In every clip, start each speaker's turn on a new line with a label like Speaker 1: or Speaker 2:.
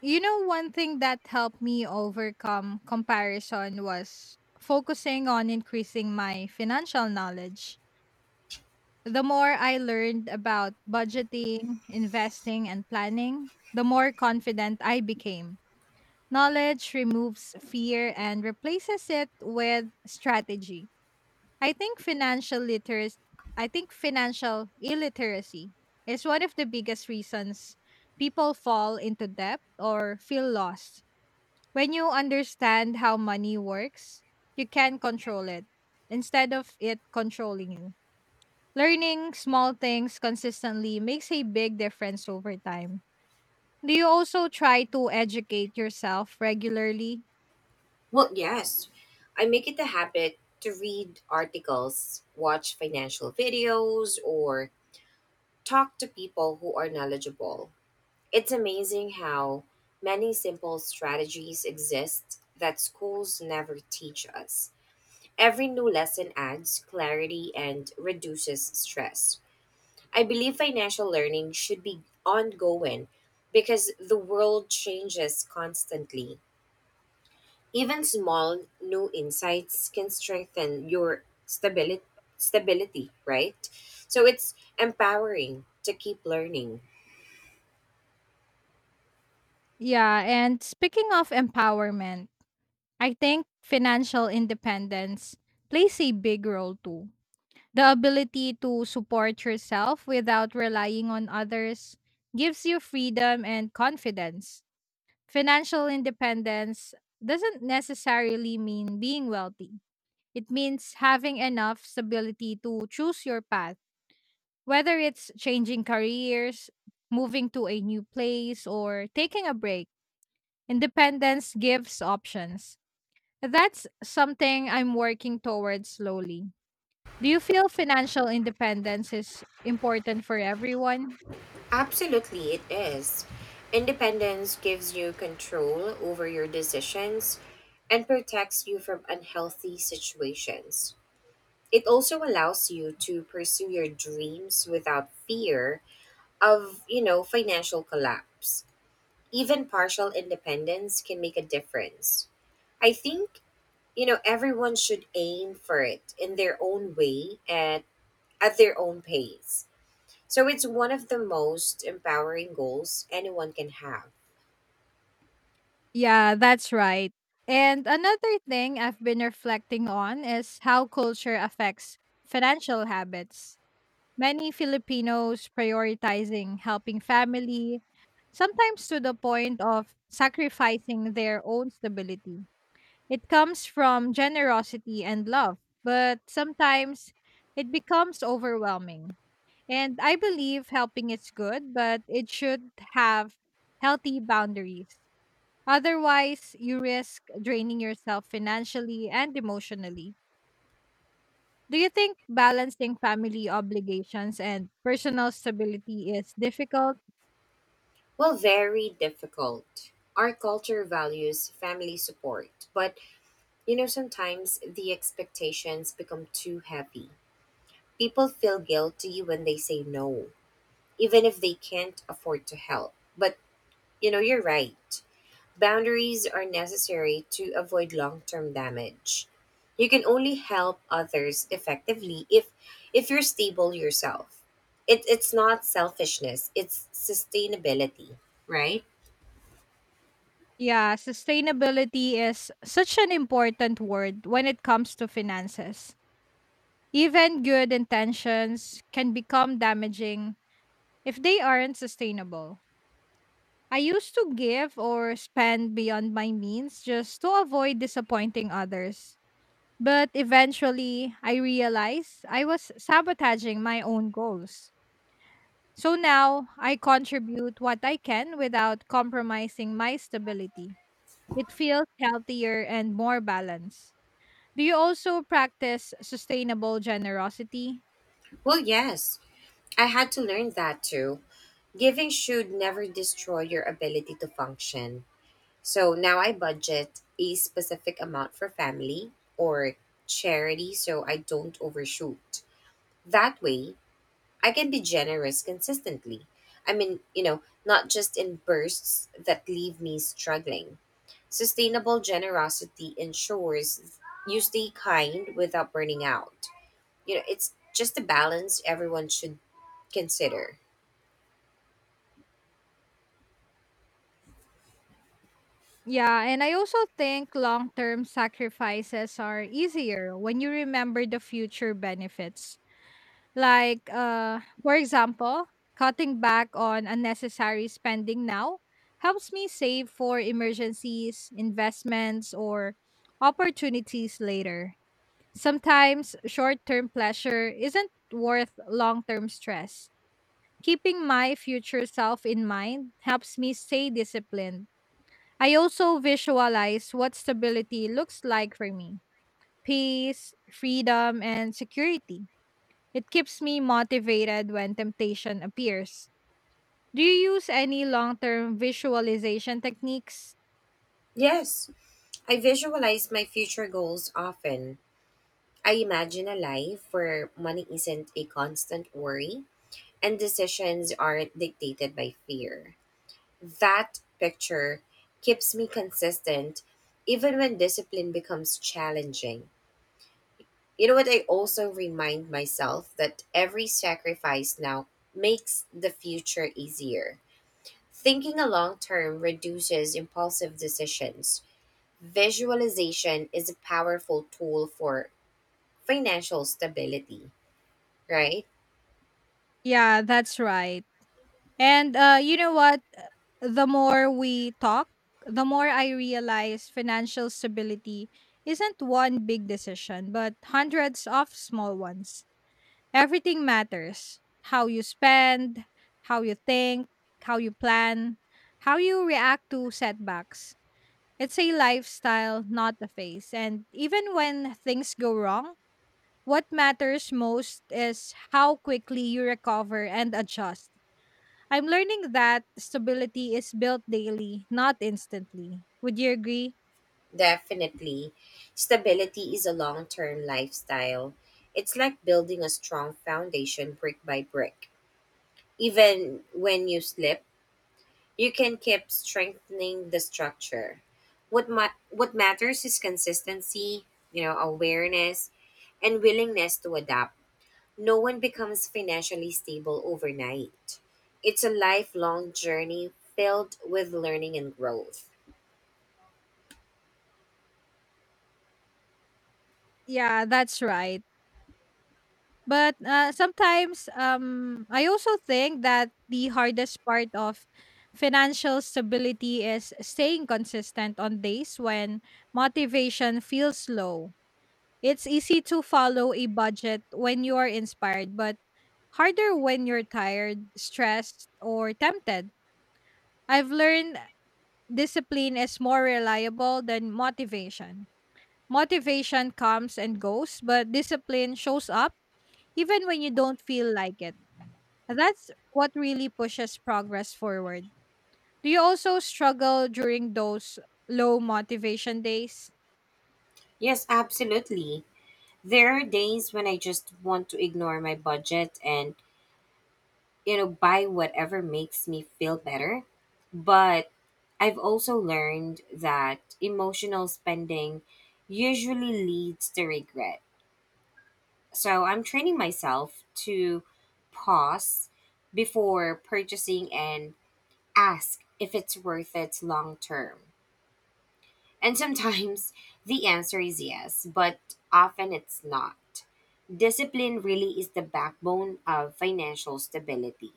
Speaker 1: You know, one thing that helped me overcome comparison was focusing on increasing my financial knowledge. The more I learned about budgeting, investing, and planning, the more confident I became. Knowledge removes fear and replaces it with strategy. I think financial literacy, I think financial illiteracy is one of the biggest reasons people fall into debt or feel lost when you understand how money works, you can control it instead of it controlling you. Learning small things consistently makes a big difference over time. Do you also try to educate yourself regularly?
Speaker 2: Well, yes. I make it a habit to read articles, watch financial videos, or talk to people who are knowledgeable. It's amazing how many simple strategies exist that schools never teach us. Every new lesson adds clarity and reduces stress. I believe financial learning should be ongoing because the world changes constantly. Even small new insights can strengthen your stability, right? So it's empowering to keep learning.
Speaker 1: Yeah, and speaking of empowerment, I think financial independence plays a big role too. The ability to support yourself without relying on others gives you freedom and confidence. Financial independence doesn't necessarily mean being wealthy. It means having enough stability to choose your path, whether it's changing careers, moving to a new place, or taking a break. Independence gives options. That's something I'm working towards slowly. Do you feel financial independence is important for everyone?
Speaker 2: Absolutely it is. Independence gives you control over your decisions and protects you from unhealthy situations. It also allows you to pursue your dreams without fear of, you know, financial collapse. Even partial independence can make a difference. I think you know everyone should aim for it in their own way and at their own pace, so it's one of the most empowering goals anyone can have.
Speaker 1: Yeah, that's right. And another thing I've been reflecting on is how culture affects financial habits. Many Filipinos prioritizing helping family, sometimes to the point of sacrificing their own stability. It comes from generosity and love, but sometimes it becomes overwhelming. And I believe helping is good, but it should have healthy boundaries. Otherwise, you risk draining yourself financially and emotionally. Do you think balancing family obligations and personal stability is difficult?
Speaker 2: Well, very difficult. Our culture values family support, but you know, sometimes the expectations become too heavy. People feel guilty when they say no, even if they can't afford to help. But you know, you're right. Boundaries are necessary to avoid long term damage. You can only help others effectively if you're stable yourself. It's not selfishness, it's sustainability, right?
Speaker 1: Yeah, sustainability is such an important word when it comes to finances. Even good intentions can become damaging if they aren't sustainable. I used to give or spend beyond my means just to avoid disappointing others. But eventually, I realized I was sabotaging my own goals. So now I contribute what I can without compromising my stability. It feels healthier and more balanced. Do you also practice sustainable generosity?
Speaker 2: Well, yes, I had to learn that too. Giving should never destroy your ability to function. So now I budget a specific amount for family or charity so I don't overshoot. That way, I can be generous consistently. I mean, you know, not just in bursts that leave me struggling. Sustainable generosity ensures you stay kind without burning out. You know, it's just a balance everyone should consider.
Speaker 1: Yeah, and I also think long term sacrifices are easier when you remember the future benefits. For example, cutting back on unnecessary spending now helps me save for emergencies, investments, or opportunities later. Sometimes short term pleasure isn't worth long term stress. Keeping my future self in mind helps me stay disciplined. I also visualize what stability looks like for me: peace, freedom, and security. It keeps me motivated when temptation appears. Do you use any long term visualization techniques?
Speaker 2: Yes, I visualize my future goals often. I imagine a life where money isn't a constant worry and decisions aren't dictated by fear. That picture keeps me consistent even when discipline becomes challenging. You know what? I also remind myself that every sacrifice now makes the future easier. Thinking a long term reduces impulsive decisions. Visualization is a powerful tool for financial stability, right?
Speaker 1: Yeah, that's right. And you know what? The more we talk, the more I realize financial stability isn't one big decision, but hundreds of small ones. Everything matters. How you spend, how you think, how you plan, how you react to setbacks. It's a lifestyle, not a phase. And even when things go wrong, what matters most is how quickly you recover and adjust. I'm learning that stability is built daily, not instantly. Would you agree?
Speaker 2: Definitely. Stability is a long term lifestyle. It's like building a strong foundation brick by brick. Even when you slip, you can keep strengthening the structure. What matters is consistency, you know, awareness, and willingness to adapt. No one becomes financially stable overnight. It's a lifelong journey filled with learning and growth.
Speaker 1: Yeah, that's right. But sometimes I also think that the hardest part of financial stability is staying consistent on days when motivation feels low. It's easy to follow a budget when you are inspired, but harder when you're tired, stressed, or tempted. I've learned discipline is more reliable than motivation. Motivation comes and goes, but discipline shows up even when you don't feel like it. That's what really pushes progress forward. Do you also struggle during those low motivation days?
Speaker 2: Yes, absolutely. There are days when I just want to ignore my budget and, you know, buy whatever makes me feel better. But I've also learned that emotional spending usually leads to regret. So I'm training myself to pause before purchasing and ask if it's worth it long term. And sometimes the answer is yes, but often it's not. Discipline really is the backbone of financial stability.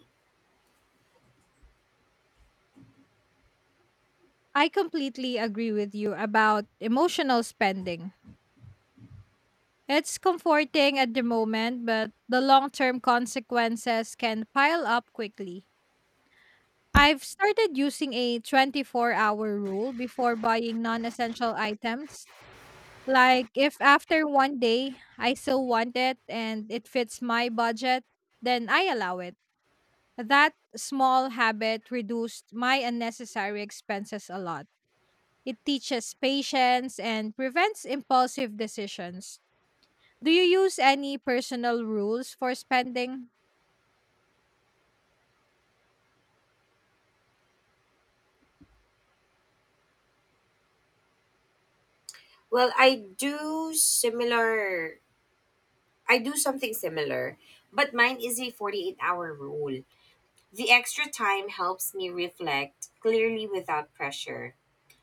Speaker 1: I completely agree with you about emotional spending. It's comforting at the moment, but the long term consequences can pile up quickly. I've started using a 24-hour hour rule before buying non essential items. Like, if after one day I still want it and it fits my budget, then I allow it. That small habit reduced my unnecessary expenses a lot. It teaches patience and prevents impulsive decisions. Do you use any personal rules for spending?
Speaker 2: Well, I do similar. I do something similar, but mine is a 48-hour rule. The extra time helps me reflect clearly without pressure.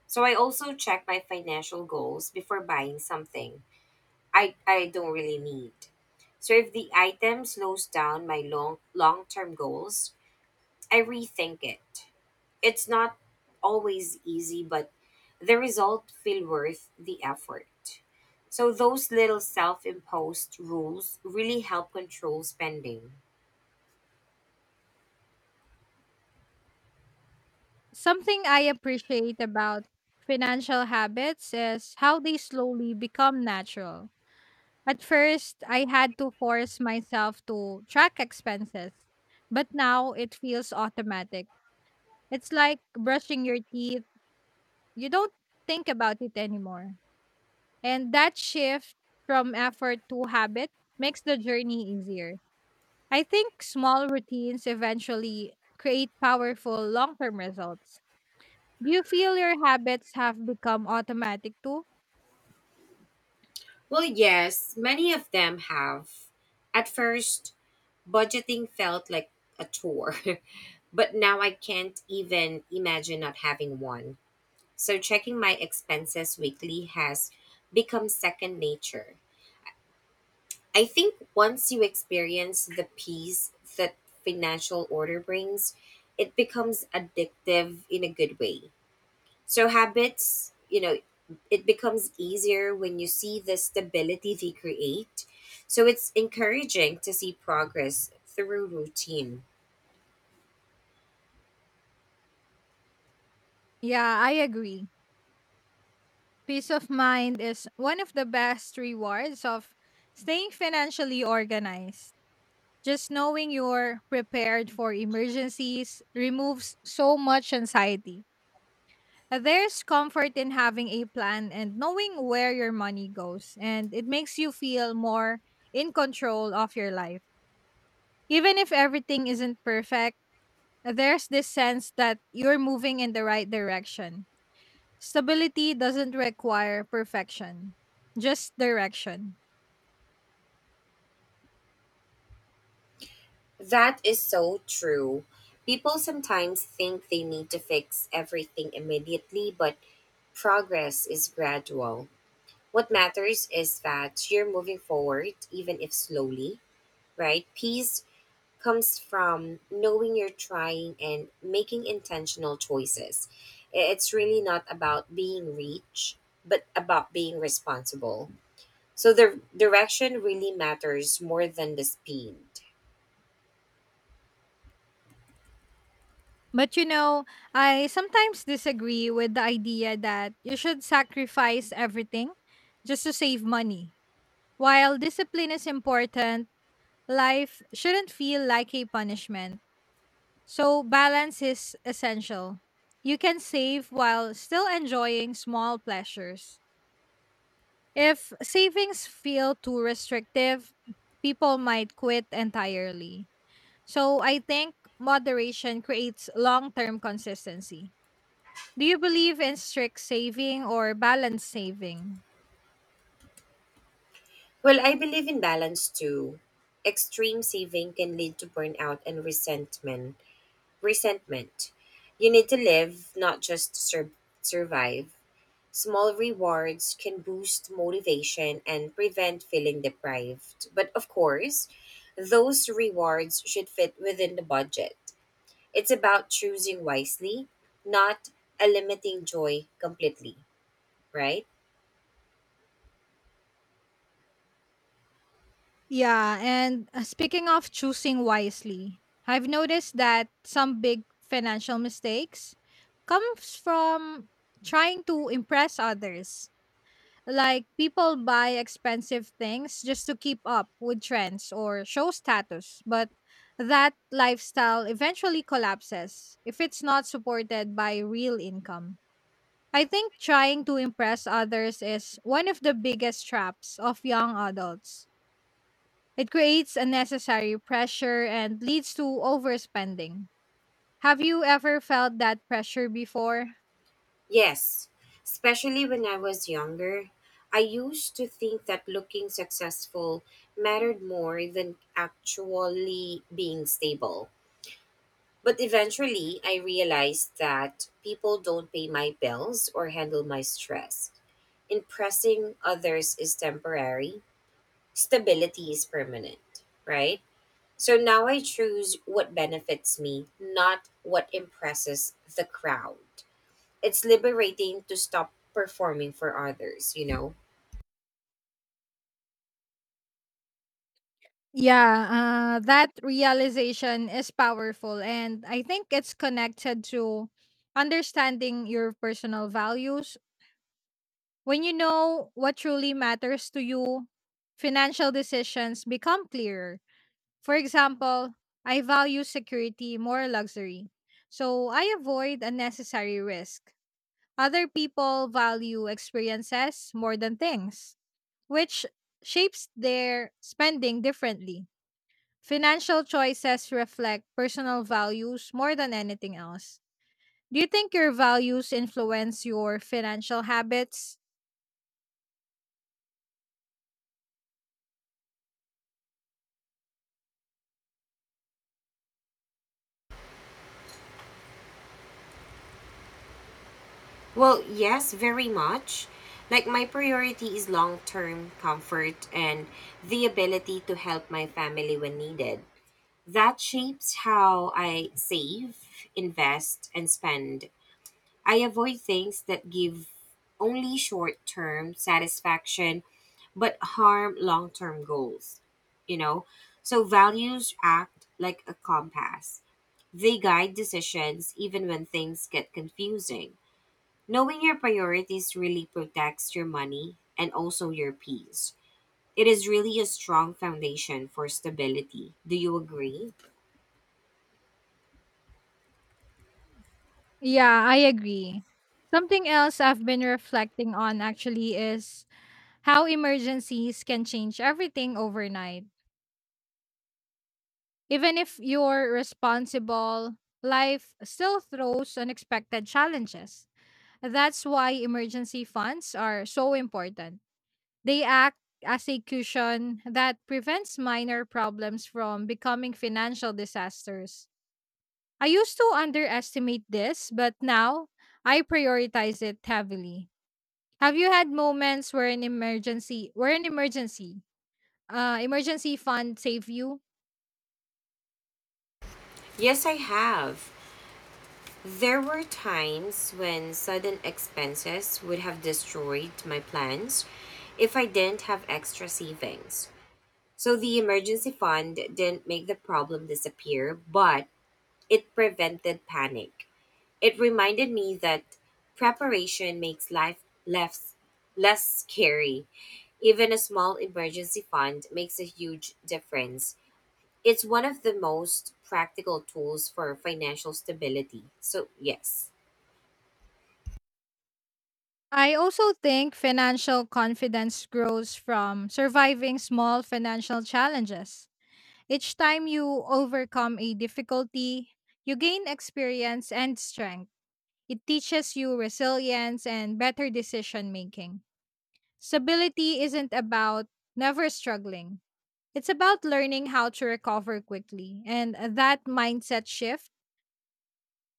Speaker 2: So I also check my financial goals before buying something I don't really need. So if the item slows down my long term goals, I rethink it. It's not always easy, but the result feel worth the effort. So those little self-imposed rules really help control spending.
Speaker 1: Something I appreciate about financial habits is how they slowly become natural. At first, I had to force myself to track expenses, but now it feels automatic. It's like brushing your teeth. You don't think about it anymore. And that shift from effort to habit makes the journey easier. I think small routines eventually create powerful long term results. Do you feel your habits have become automatic too?
Speaker 2: Well, yes, many of them have. At first, budgeting felt like a chore, but now I can't even imagine not having one. So checking my expenses weekly has become second nature. I think once you experience the peace that financial order brings, it becomes addictive in a good way. So, habits, you know, it becomes easier when you see the stability they create. So, it's encouraging to see progress through routine.
Speaker 1: Yeah, I agree. Peace of mind is one of the best rewards of staying financially organized. Just knowing you're prepared for emergencies removes so much anxiety. There's comfort in having a plan and knowing where your money goes, and it makes you feel more in control of your life. Even if everything isn't perfect, there's this sense that you're moving in the right direction. Stability doesn't require perfection, just direction.
Speaker 2: That is so true. People sometimes think they need to fix everything immediately, but progress is gradual. What matters is that you're moving forward, even if slowly, right? Peace comes from knowing you're trying and making intentional choices. It's really not about being rich, but about being responsible. So the direction really matters more than the speed.
Speaker 1: But you know, I sometimes disagree with the idea that you should sacrifice everything just to save money. While discipline is important, life shouldn't feel like a punishment, so balance is essential. You can save while still enjoying small pleasures. If savings feel too restrictive, people might quit entirely. So I think moderation creates long term consistency. Do you believe in strict saving or balanced saving?
Speaker 2: Well, I believe in balance too. Extreme saving can lead to burnout and resentment. You need to live, not just survive. Small rewards can boost motivation and prevent feeling deprived. But of course, those rewards should fit within the budget. It's about choosing wisely, not eliminating joy completely, right?
Speaker 1: Yeah, and speaking of choosing wisely, I've noticed that some big financial mistakes comes from trying to impress others. Like, people buy expensive things just to keep up with trends or show status, but that lifestyle eventually collapses if it's not supported by real income. I think trying to impress others is one of the biggest traps of young adults. It creates unnecessary pressure and leads to overspending. Have you ever felt that pressure before?
Speaker 2: Yes, especially when I was younger, I used to think that looking successful mattered more than actually being stable. But eventually, I realized that people don't pay my bills or handle my stress. Impressing others is temporary, stability is permanent, right? So now I choose what benefits me, not what impresses the crowd. It's liberating to stop performing for others, you know?
Speaker 1: Yeah, that realization is powerful, and I think it's connected to understanding your personal values. When you know what truly matters to you, financial decisions become clearer. For example, I value security more luxury, so I avoid unnecessary risk. Other people value experiences more than things, which shapes their spending differently. Financial choices reflect personal values more than anything else. Do you think your values influence your financial habits?
Speaker 2: Well, yes, very much. Like, my priority is long term comfort and the ability to help my family when needed. That shapes how I save, invest, and spend. I avoid things that give only short term satisfaction but harm long term goals, you know? So values act like a compass. They guide decisions even when things get confusing. Knowing your priorities really protects your money and also your peace. It is really a strong foundation for stability. Do you agree?
Speaker 1: Yeah, I agree. Something else I've been reflecting on actually is how emergencies can change everything overnight. Even if you're responsible, life still throws unexpected challenges. That's why emergency funds are so important. They act as a cushion that prevents minor problems from becoming financial disasters. I used to underestimate this, but now I prioritize it heavily. Have you had moments where an emergency emergency fund save you?
Speaker 2: Yes, I have. There were times when sudden expenses would have destroyed my plans if I didn't have extra savings. So the emergency fund didn't make the problem disappear, but it prevented panic. It reminded me that preparation makes life less scary. Even a small emergency fund makes a huge difference. It's one of the most practical tools for financial stability. So, yes.
Speaker 1: I also think financial confidence grows from surviving small financial challenges. Each time you overcome a difficulty, you gain experience and strength. It teaches you resilience and better decision making. Stability isn't about never struggling, it's about learning how to recover quickly. And that mindset shift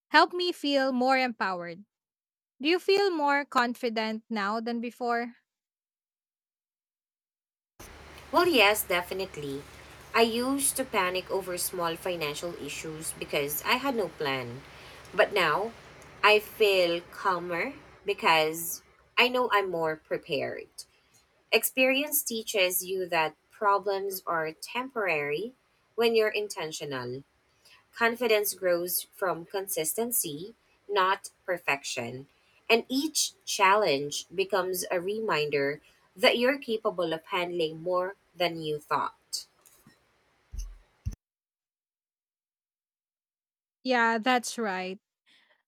Speaker 1: helped me feel more empowered. Do you feel more confident now than before?
Speaker 2: Well, yes, definitely. I used to panic over small financial issues because I had no plan. But now, I feel calmer because I know I'm more prepared. Experience teaches you that problems are temporary when you're intentional. Confidence grows from consistency, not perfection. And each challenge becomes a reminder that you're capable of handling more than you thought.
Speaker 1: Yeah, that's right.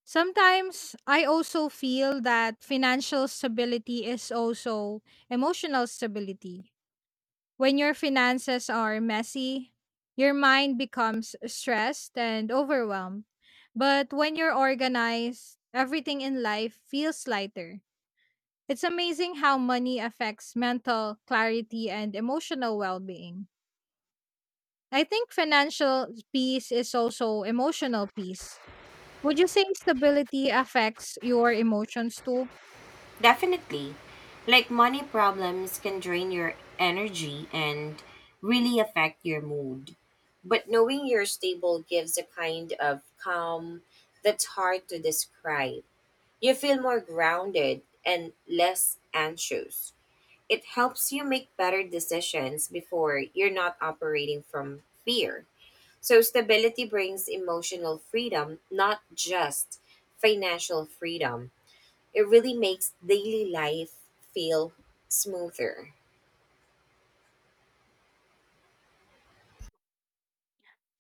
Speaker 1: Sometimes I also feel that financial stability is also emotional stability. When your finances are messy, your mind becomes stressed and overwhelmed. But when you're organized, everything in life feels lighter. It's amazing how money affects mental clarity and emotional well being. I think financial peace is also emotional peace. Would you say stability affects your emotions too?
Speaker 2: Definitely. Like, money problems can drain your energy and really affect your mood. But knowing you're stable gives a kind of calm that's hard to describe. You feel more grounded and less anxious. It helps you make better decisions before you're not operating from fear. So, stability brings emotional freedom, not just financial freedom. It really makes daily life feel smoother.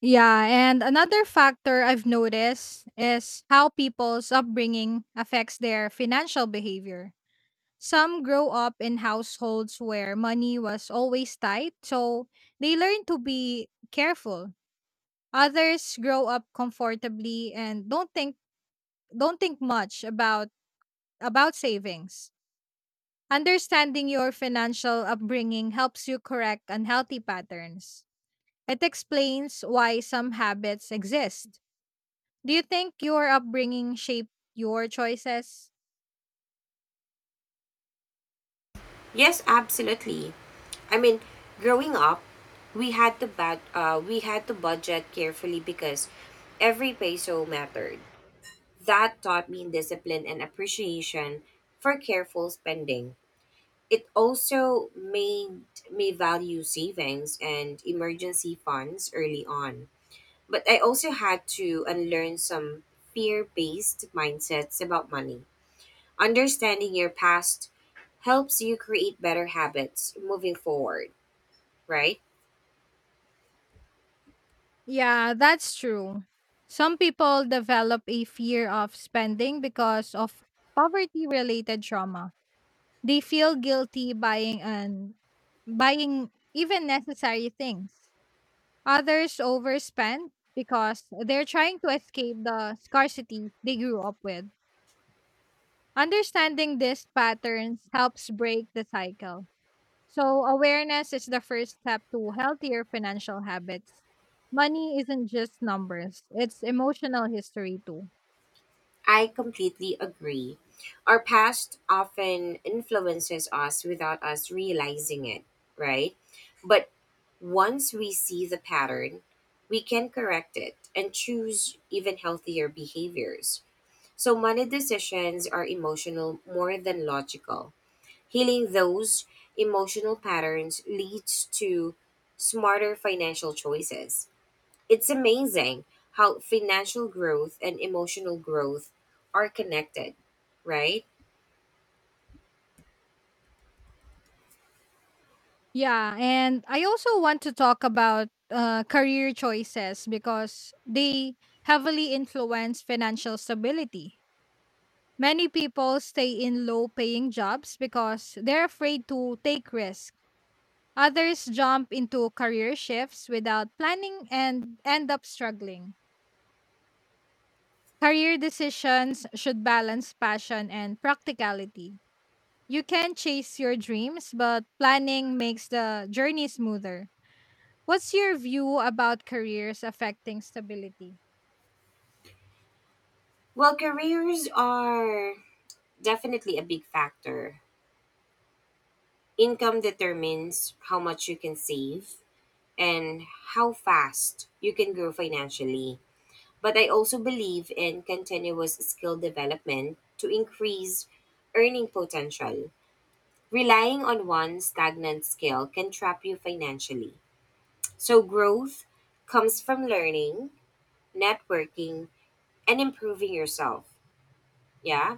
Speaker 1: Yeah, and another factor I've noticed is how people's upbringing affects their financial behavior. Some grow up in households where money was always tight, so they learn to be careful. Others grow up comfortably and don't think much about savings. Understanding your financial upbringing helps you correct unhealthy patterns. It explains why some habits exist. Do you think your upbringing shaped your choices?
Speaker 2: Yes, absolutely. I mean, growing up, we had to we had to budget carefully because every peso mattered. That taught me discipline and appreciation for careful spending. It also made me value savings and emergency funds early on. But I also had to unlearn some fear based mindsets about money. Understanding your past helps you create better habits moving forward, right?
Speaker 1: Yeah, that's true. Some people develop a fear of spending because of poverty related trauma. They feel guilty buying even necessary things. Others overspend because they're trying to escape the scarcity they grew up with. Understanding these patterns helps break the cycle. So, awareness is the first step to healthier financial habits. Money isn't just numbers, it's emotional history too.
Speaker 2: I completely agree. Our past often influences us without us realizing it, right? But once we see the pattern, we can correct it and choose even healthier behaviors. So, money decisions are emotional more than logical. Healing those emotional patterns leads to smarter financial choices. It's amazing how financial growth and emotional growth are connected, right?
Speaker 1: Yeah, and I also want to talk about career choices because they heavily influence financial stability. Many people stay in low paying jobs because they're afraid to take risks. Others jump into career shifts without planning and end up struggling. Career decisions should balance passion and practicality. You can chase your dreams, but planning makes the journey smoother. What's your view about careers affecting stability?
Speaker 2: Well, careers are definitely a big factor. Income determines how much you can save, and how fast you can grow financially. But I also believe in continuous skill development to increase earning potential. Relying on one stagnant skill can trap you financially. So, growth comes from learning, networking, and improving yourself. Yeah.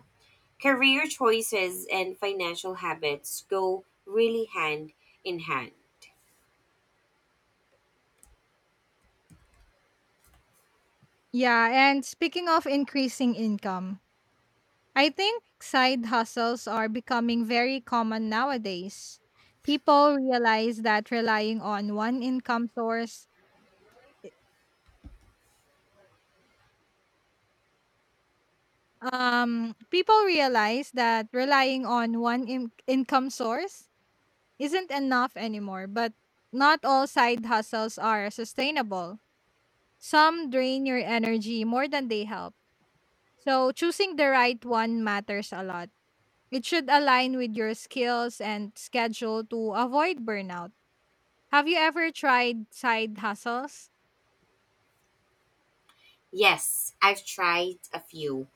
Speaker 2: Career choices and financial habits go really hand in hand.
Speaker 1: Yeah, and speaking of increasing income, I think side hustles are becoming very common nowadays. People realize that relying on one income source, People realize that relying on income source isn't enough anymore, but not all side hustles are sustainable. Some drain your energy more than they help. So choosing the right one matters a lot. It should align with your skills and schedule to avoid burnout. Have you ever tried side hustles?
Speaker 2: Yes, I've tried a few.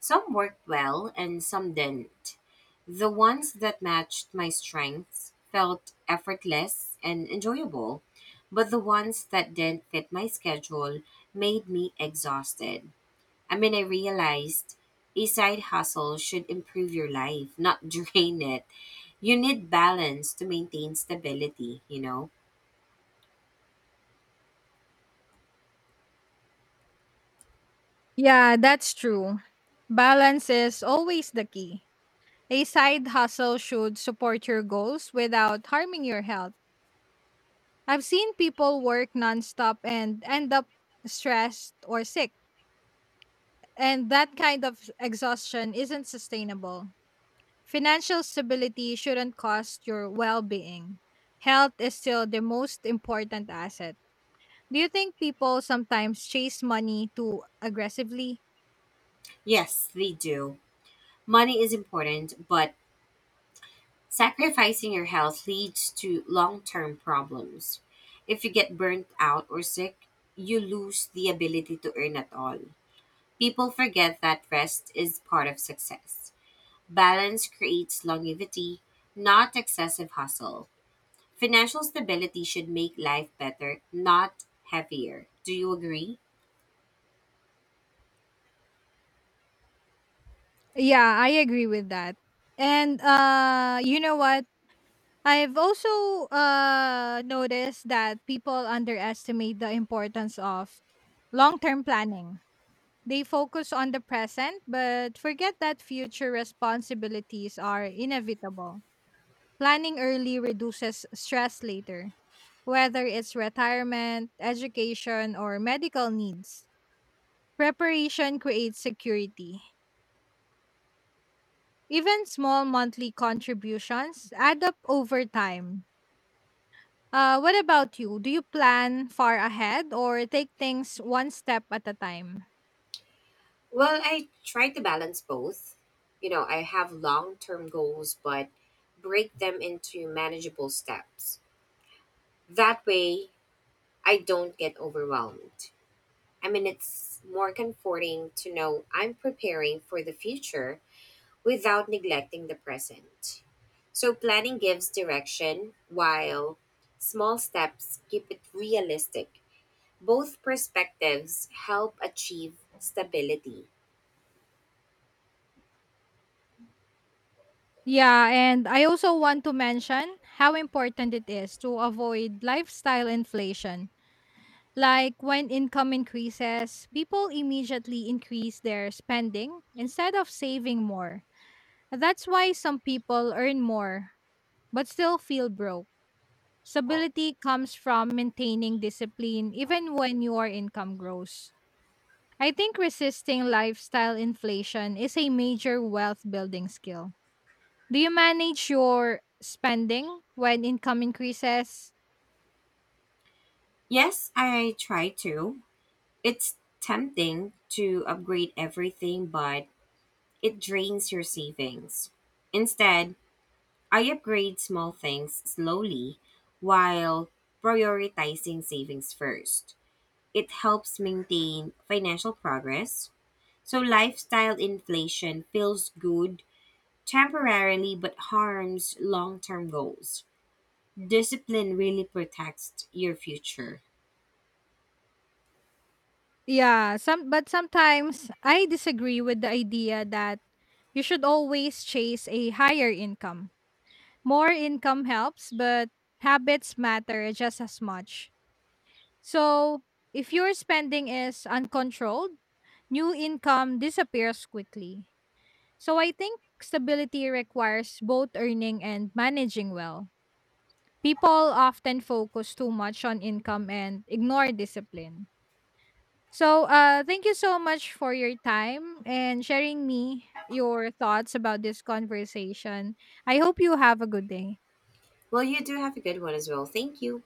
Speaker 2: Some worked well and some didn't. The ones that matched my strengths felt effortless and enjoyable, but the ones that didn't fit my schedule made me exhausted. I mean, I realized a side hustle should improve your life, not drain it. You need balance to maintain stability, you know?
Speaker 1: Yeah, that's true. Balance is always the key. A side hustle should support your goals without harming your health. I've seen people work nonstop and end up stressed or sick, and that kind of exhaustion isn't sustainable. Financial stability shouldn't cost your well being. Health is still the most important asset. Do you think people sometimes chase money too aggressively?
Speaker 2: Yes, they do. Money is important, but sacrificing your health leads to long term problems. If you get burnt out or sick, you lose the ability to earn at all. People forget that rest is part of success. Balance creates longevity, not excessive hustle. Financial stability should make life better, not heavier. Do you agree?
Speaker 1: Yeah, I agree with that. And you know what? I've also noticed that people underestimate the importance of long-term planning. They focus on the present but forget that future responsibilities are inevitable. Planning early reduces stress later, whether it's retirement, education, or medical needs. Preparation creates security. Even small monthly contributions add up over time. What about you? Do you plan far ahead or take things one step at a time?
Speaker 2: Well, I try to balance both. You know, I have long term goals, but break them into manageable steps. That way, I don't get overwhelmed. I mean, it's more comforting to know I'm preparing for the future without neglecting the present. So, planning gives direction while small steps keep it realistic. Both perspectives help achieve stability.
Speaker 1: Yeah, and I also want to mention how important it is to avoid lifestyle inflation. Like, when income increases, people immediately increase their spending instead of saving more. That's why some people earn more but still feel broke. Stability comes from maintaining discipline even when your income grows. I think resisting lifestyle inflation is a major wealth building skill. Do you manage your spending when income increases?
Speaker 2: Yes, I try to. It's tempting to upgrade everything, but it drains your savings. Instead, I upgrade small things slowly while prioritizing savings first. It helps maintain financial progress. So, lifestyle inflation feels good temporarily but harms long term goals. Discipline really protects your future.
Speaker 1: Yeah, sometimes I disagree with the idea that you should always chase a higher income. More income helps, but habits matter just as much. So, if your spending is uncontrolled, new income disappears quickly. So I think stability requires both earning and managing well. People often focus too much on income and ignore discipline. So thank you so much for your time and sharing me your thoughts about this conversation. I hope you have a good day.
Speaker 2: Well, you do have a good one as well. Thank you.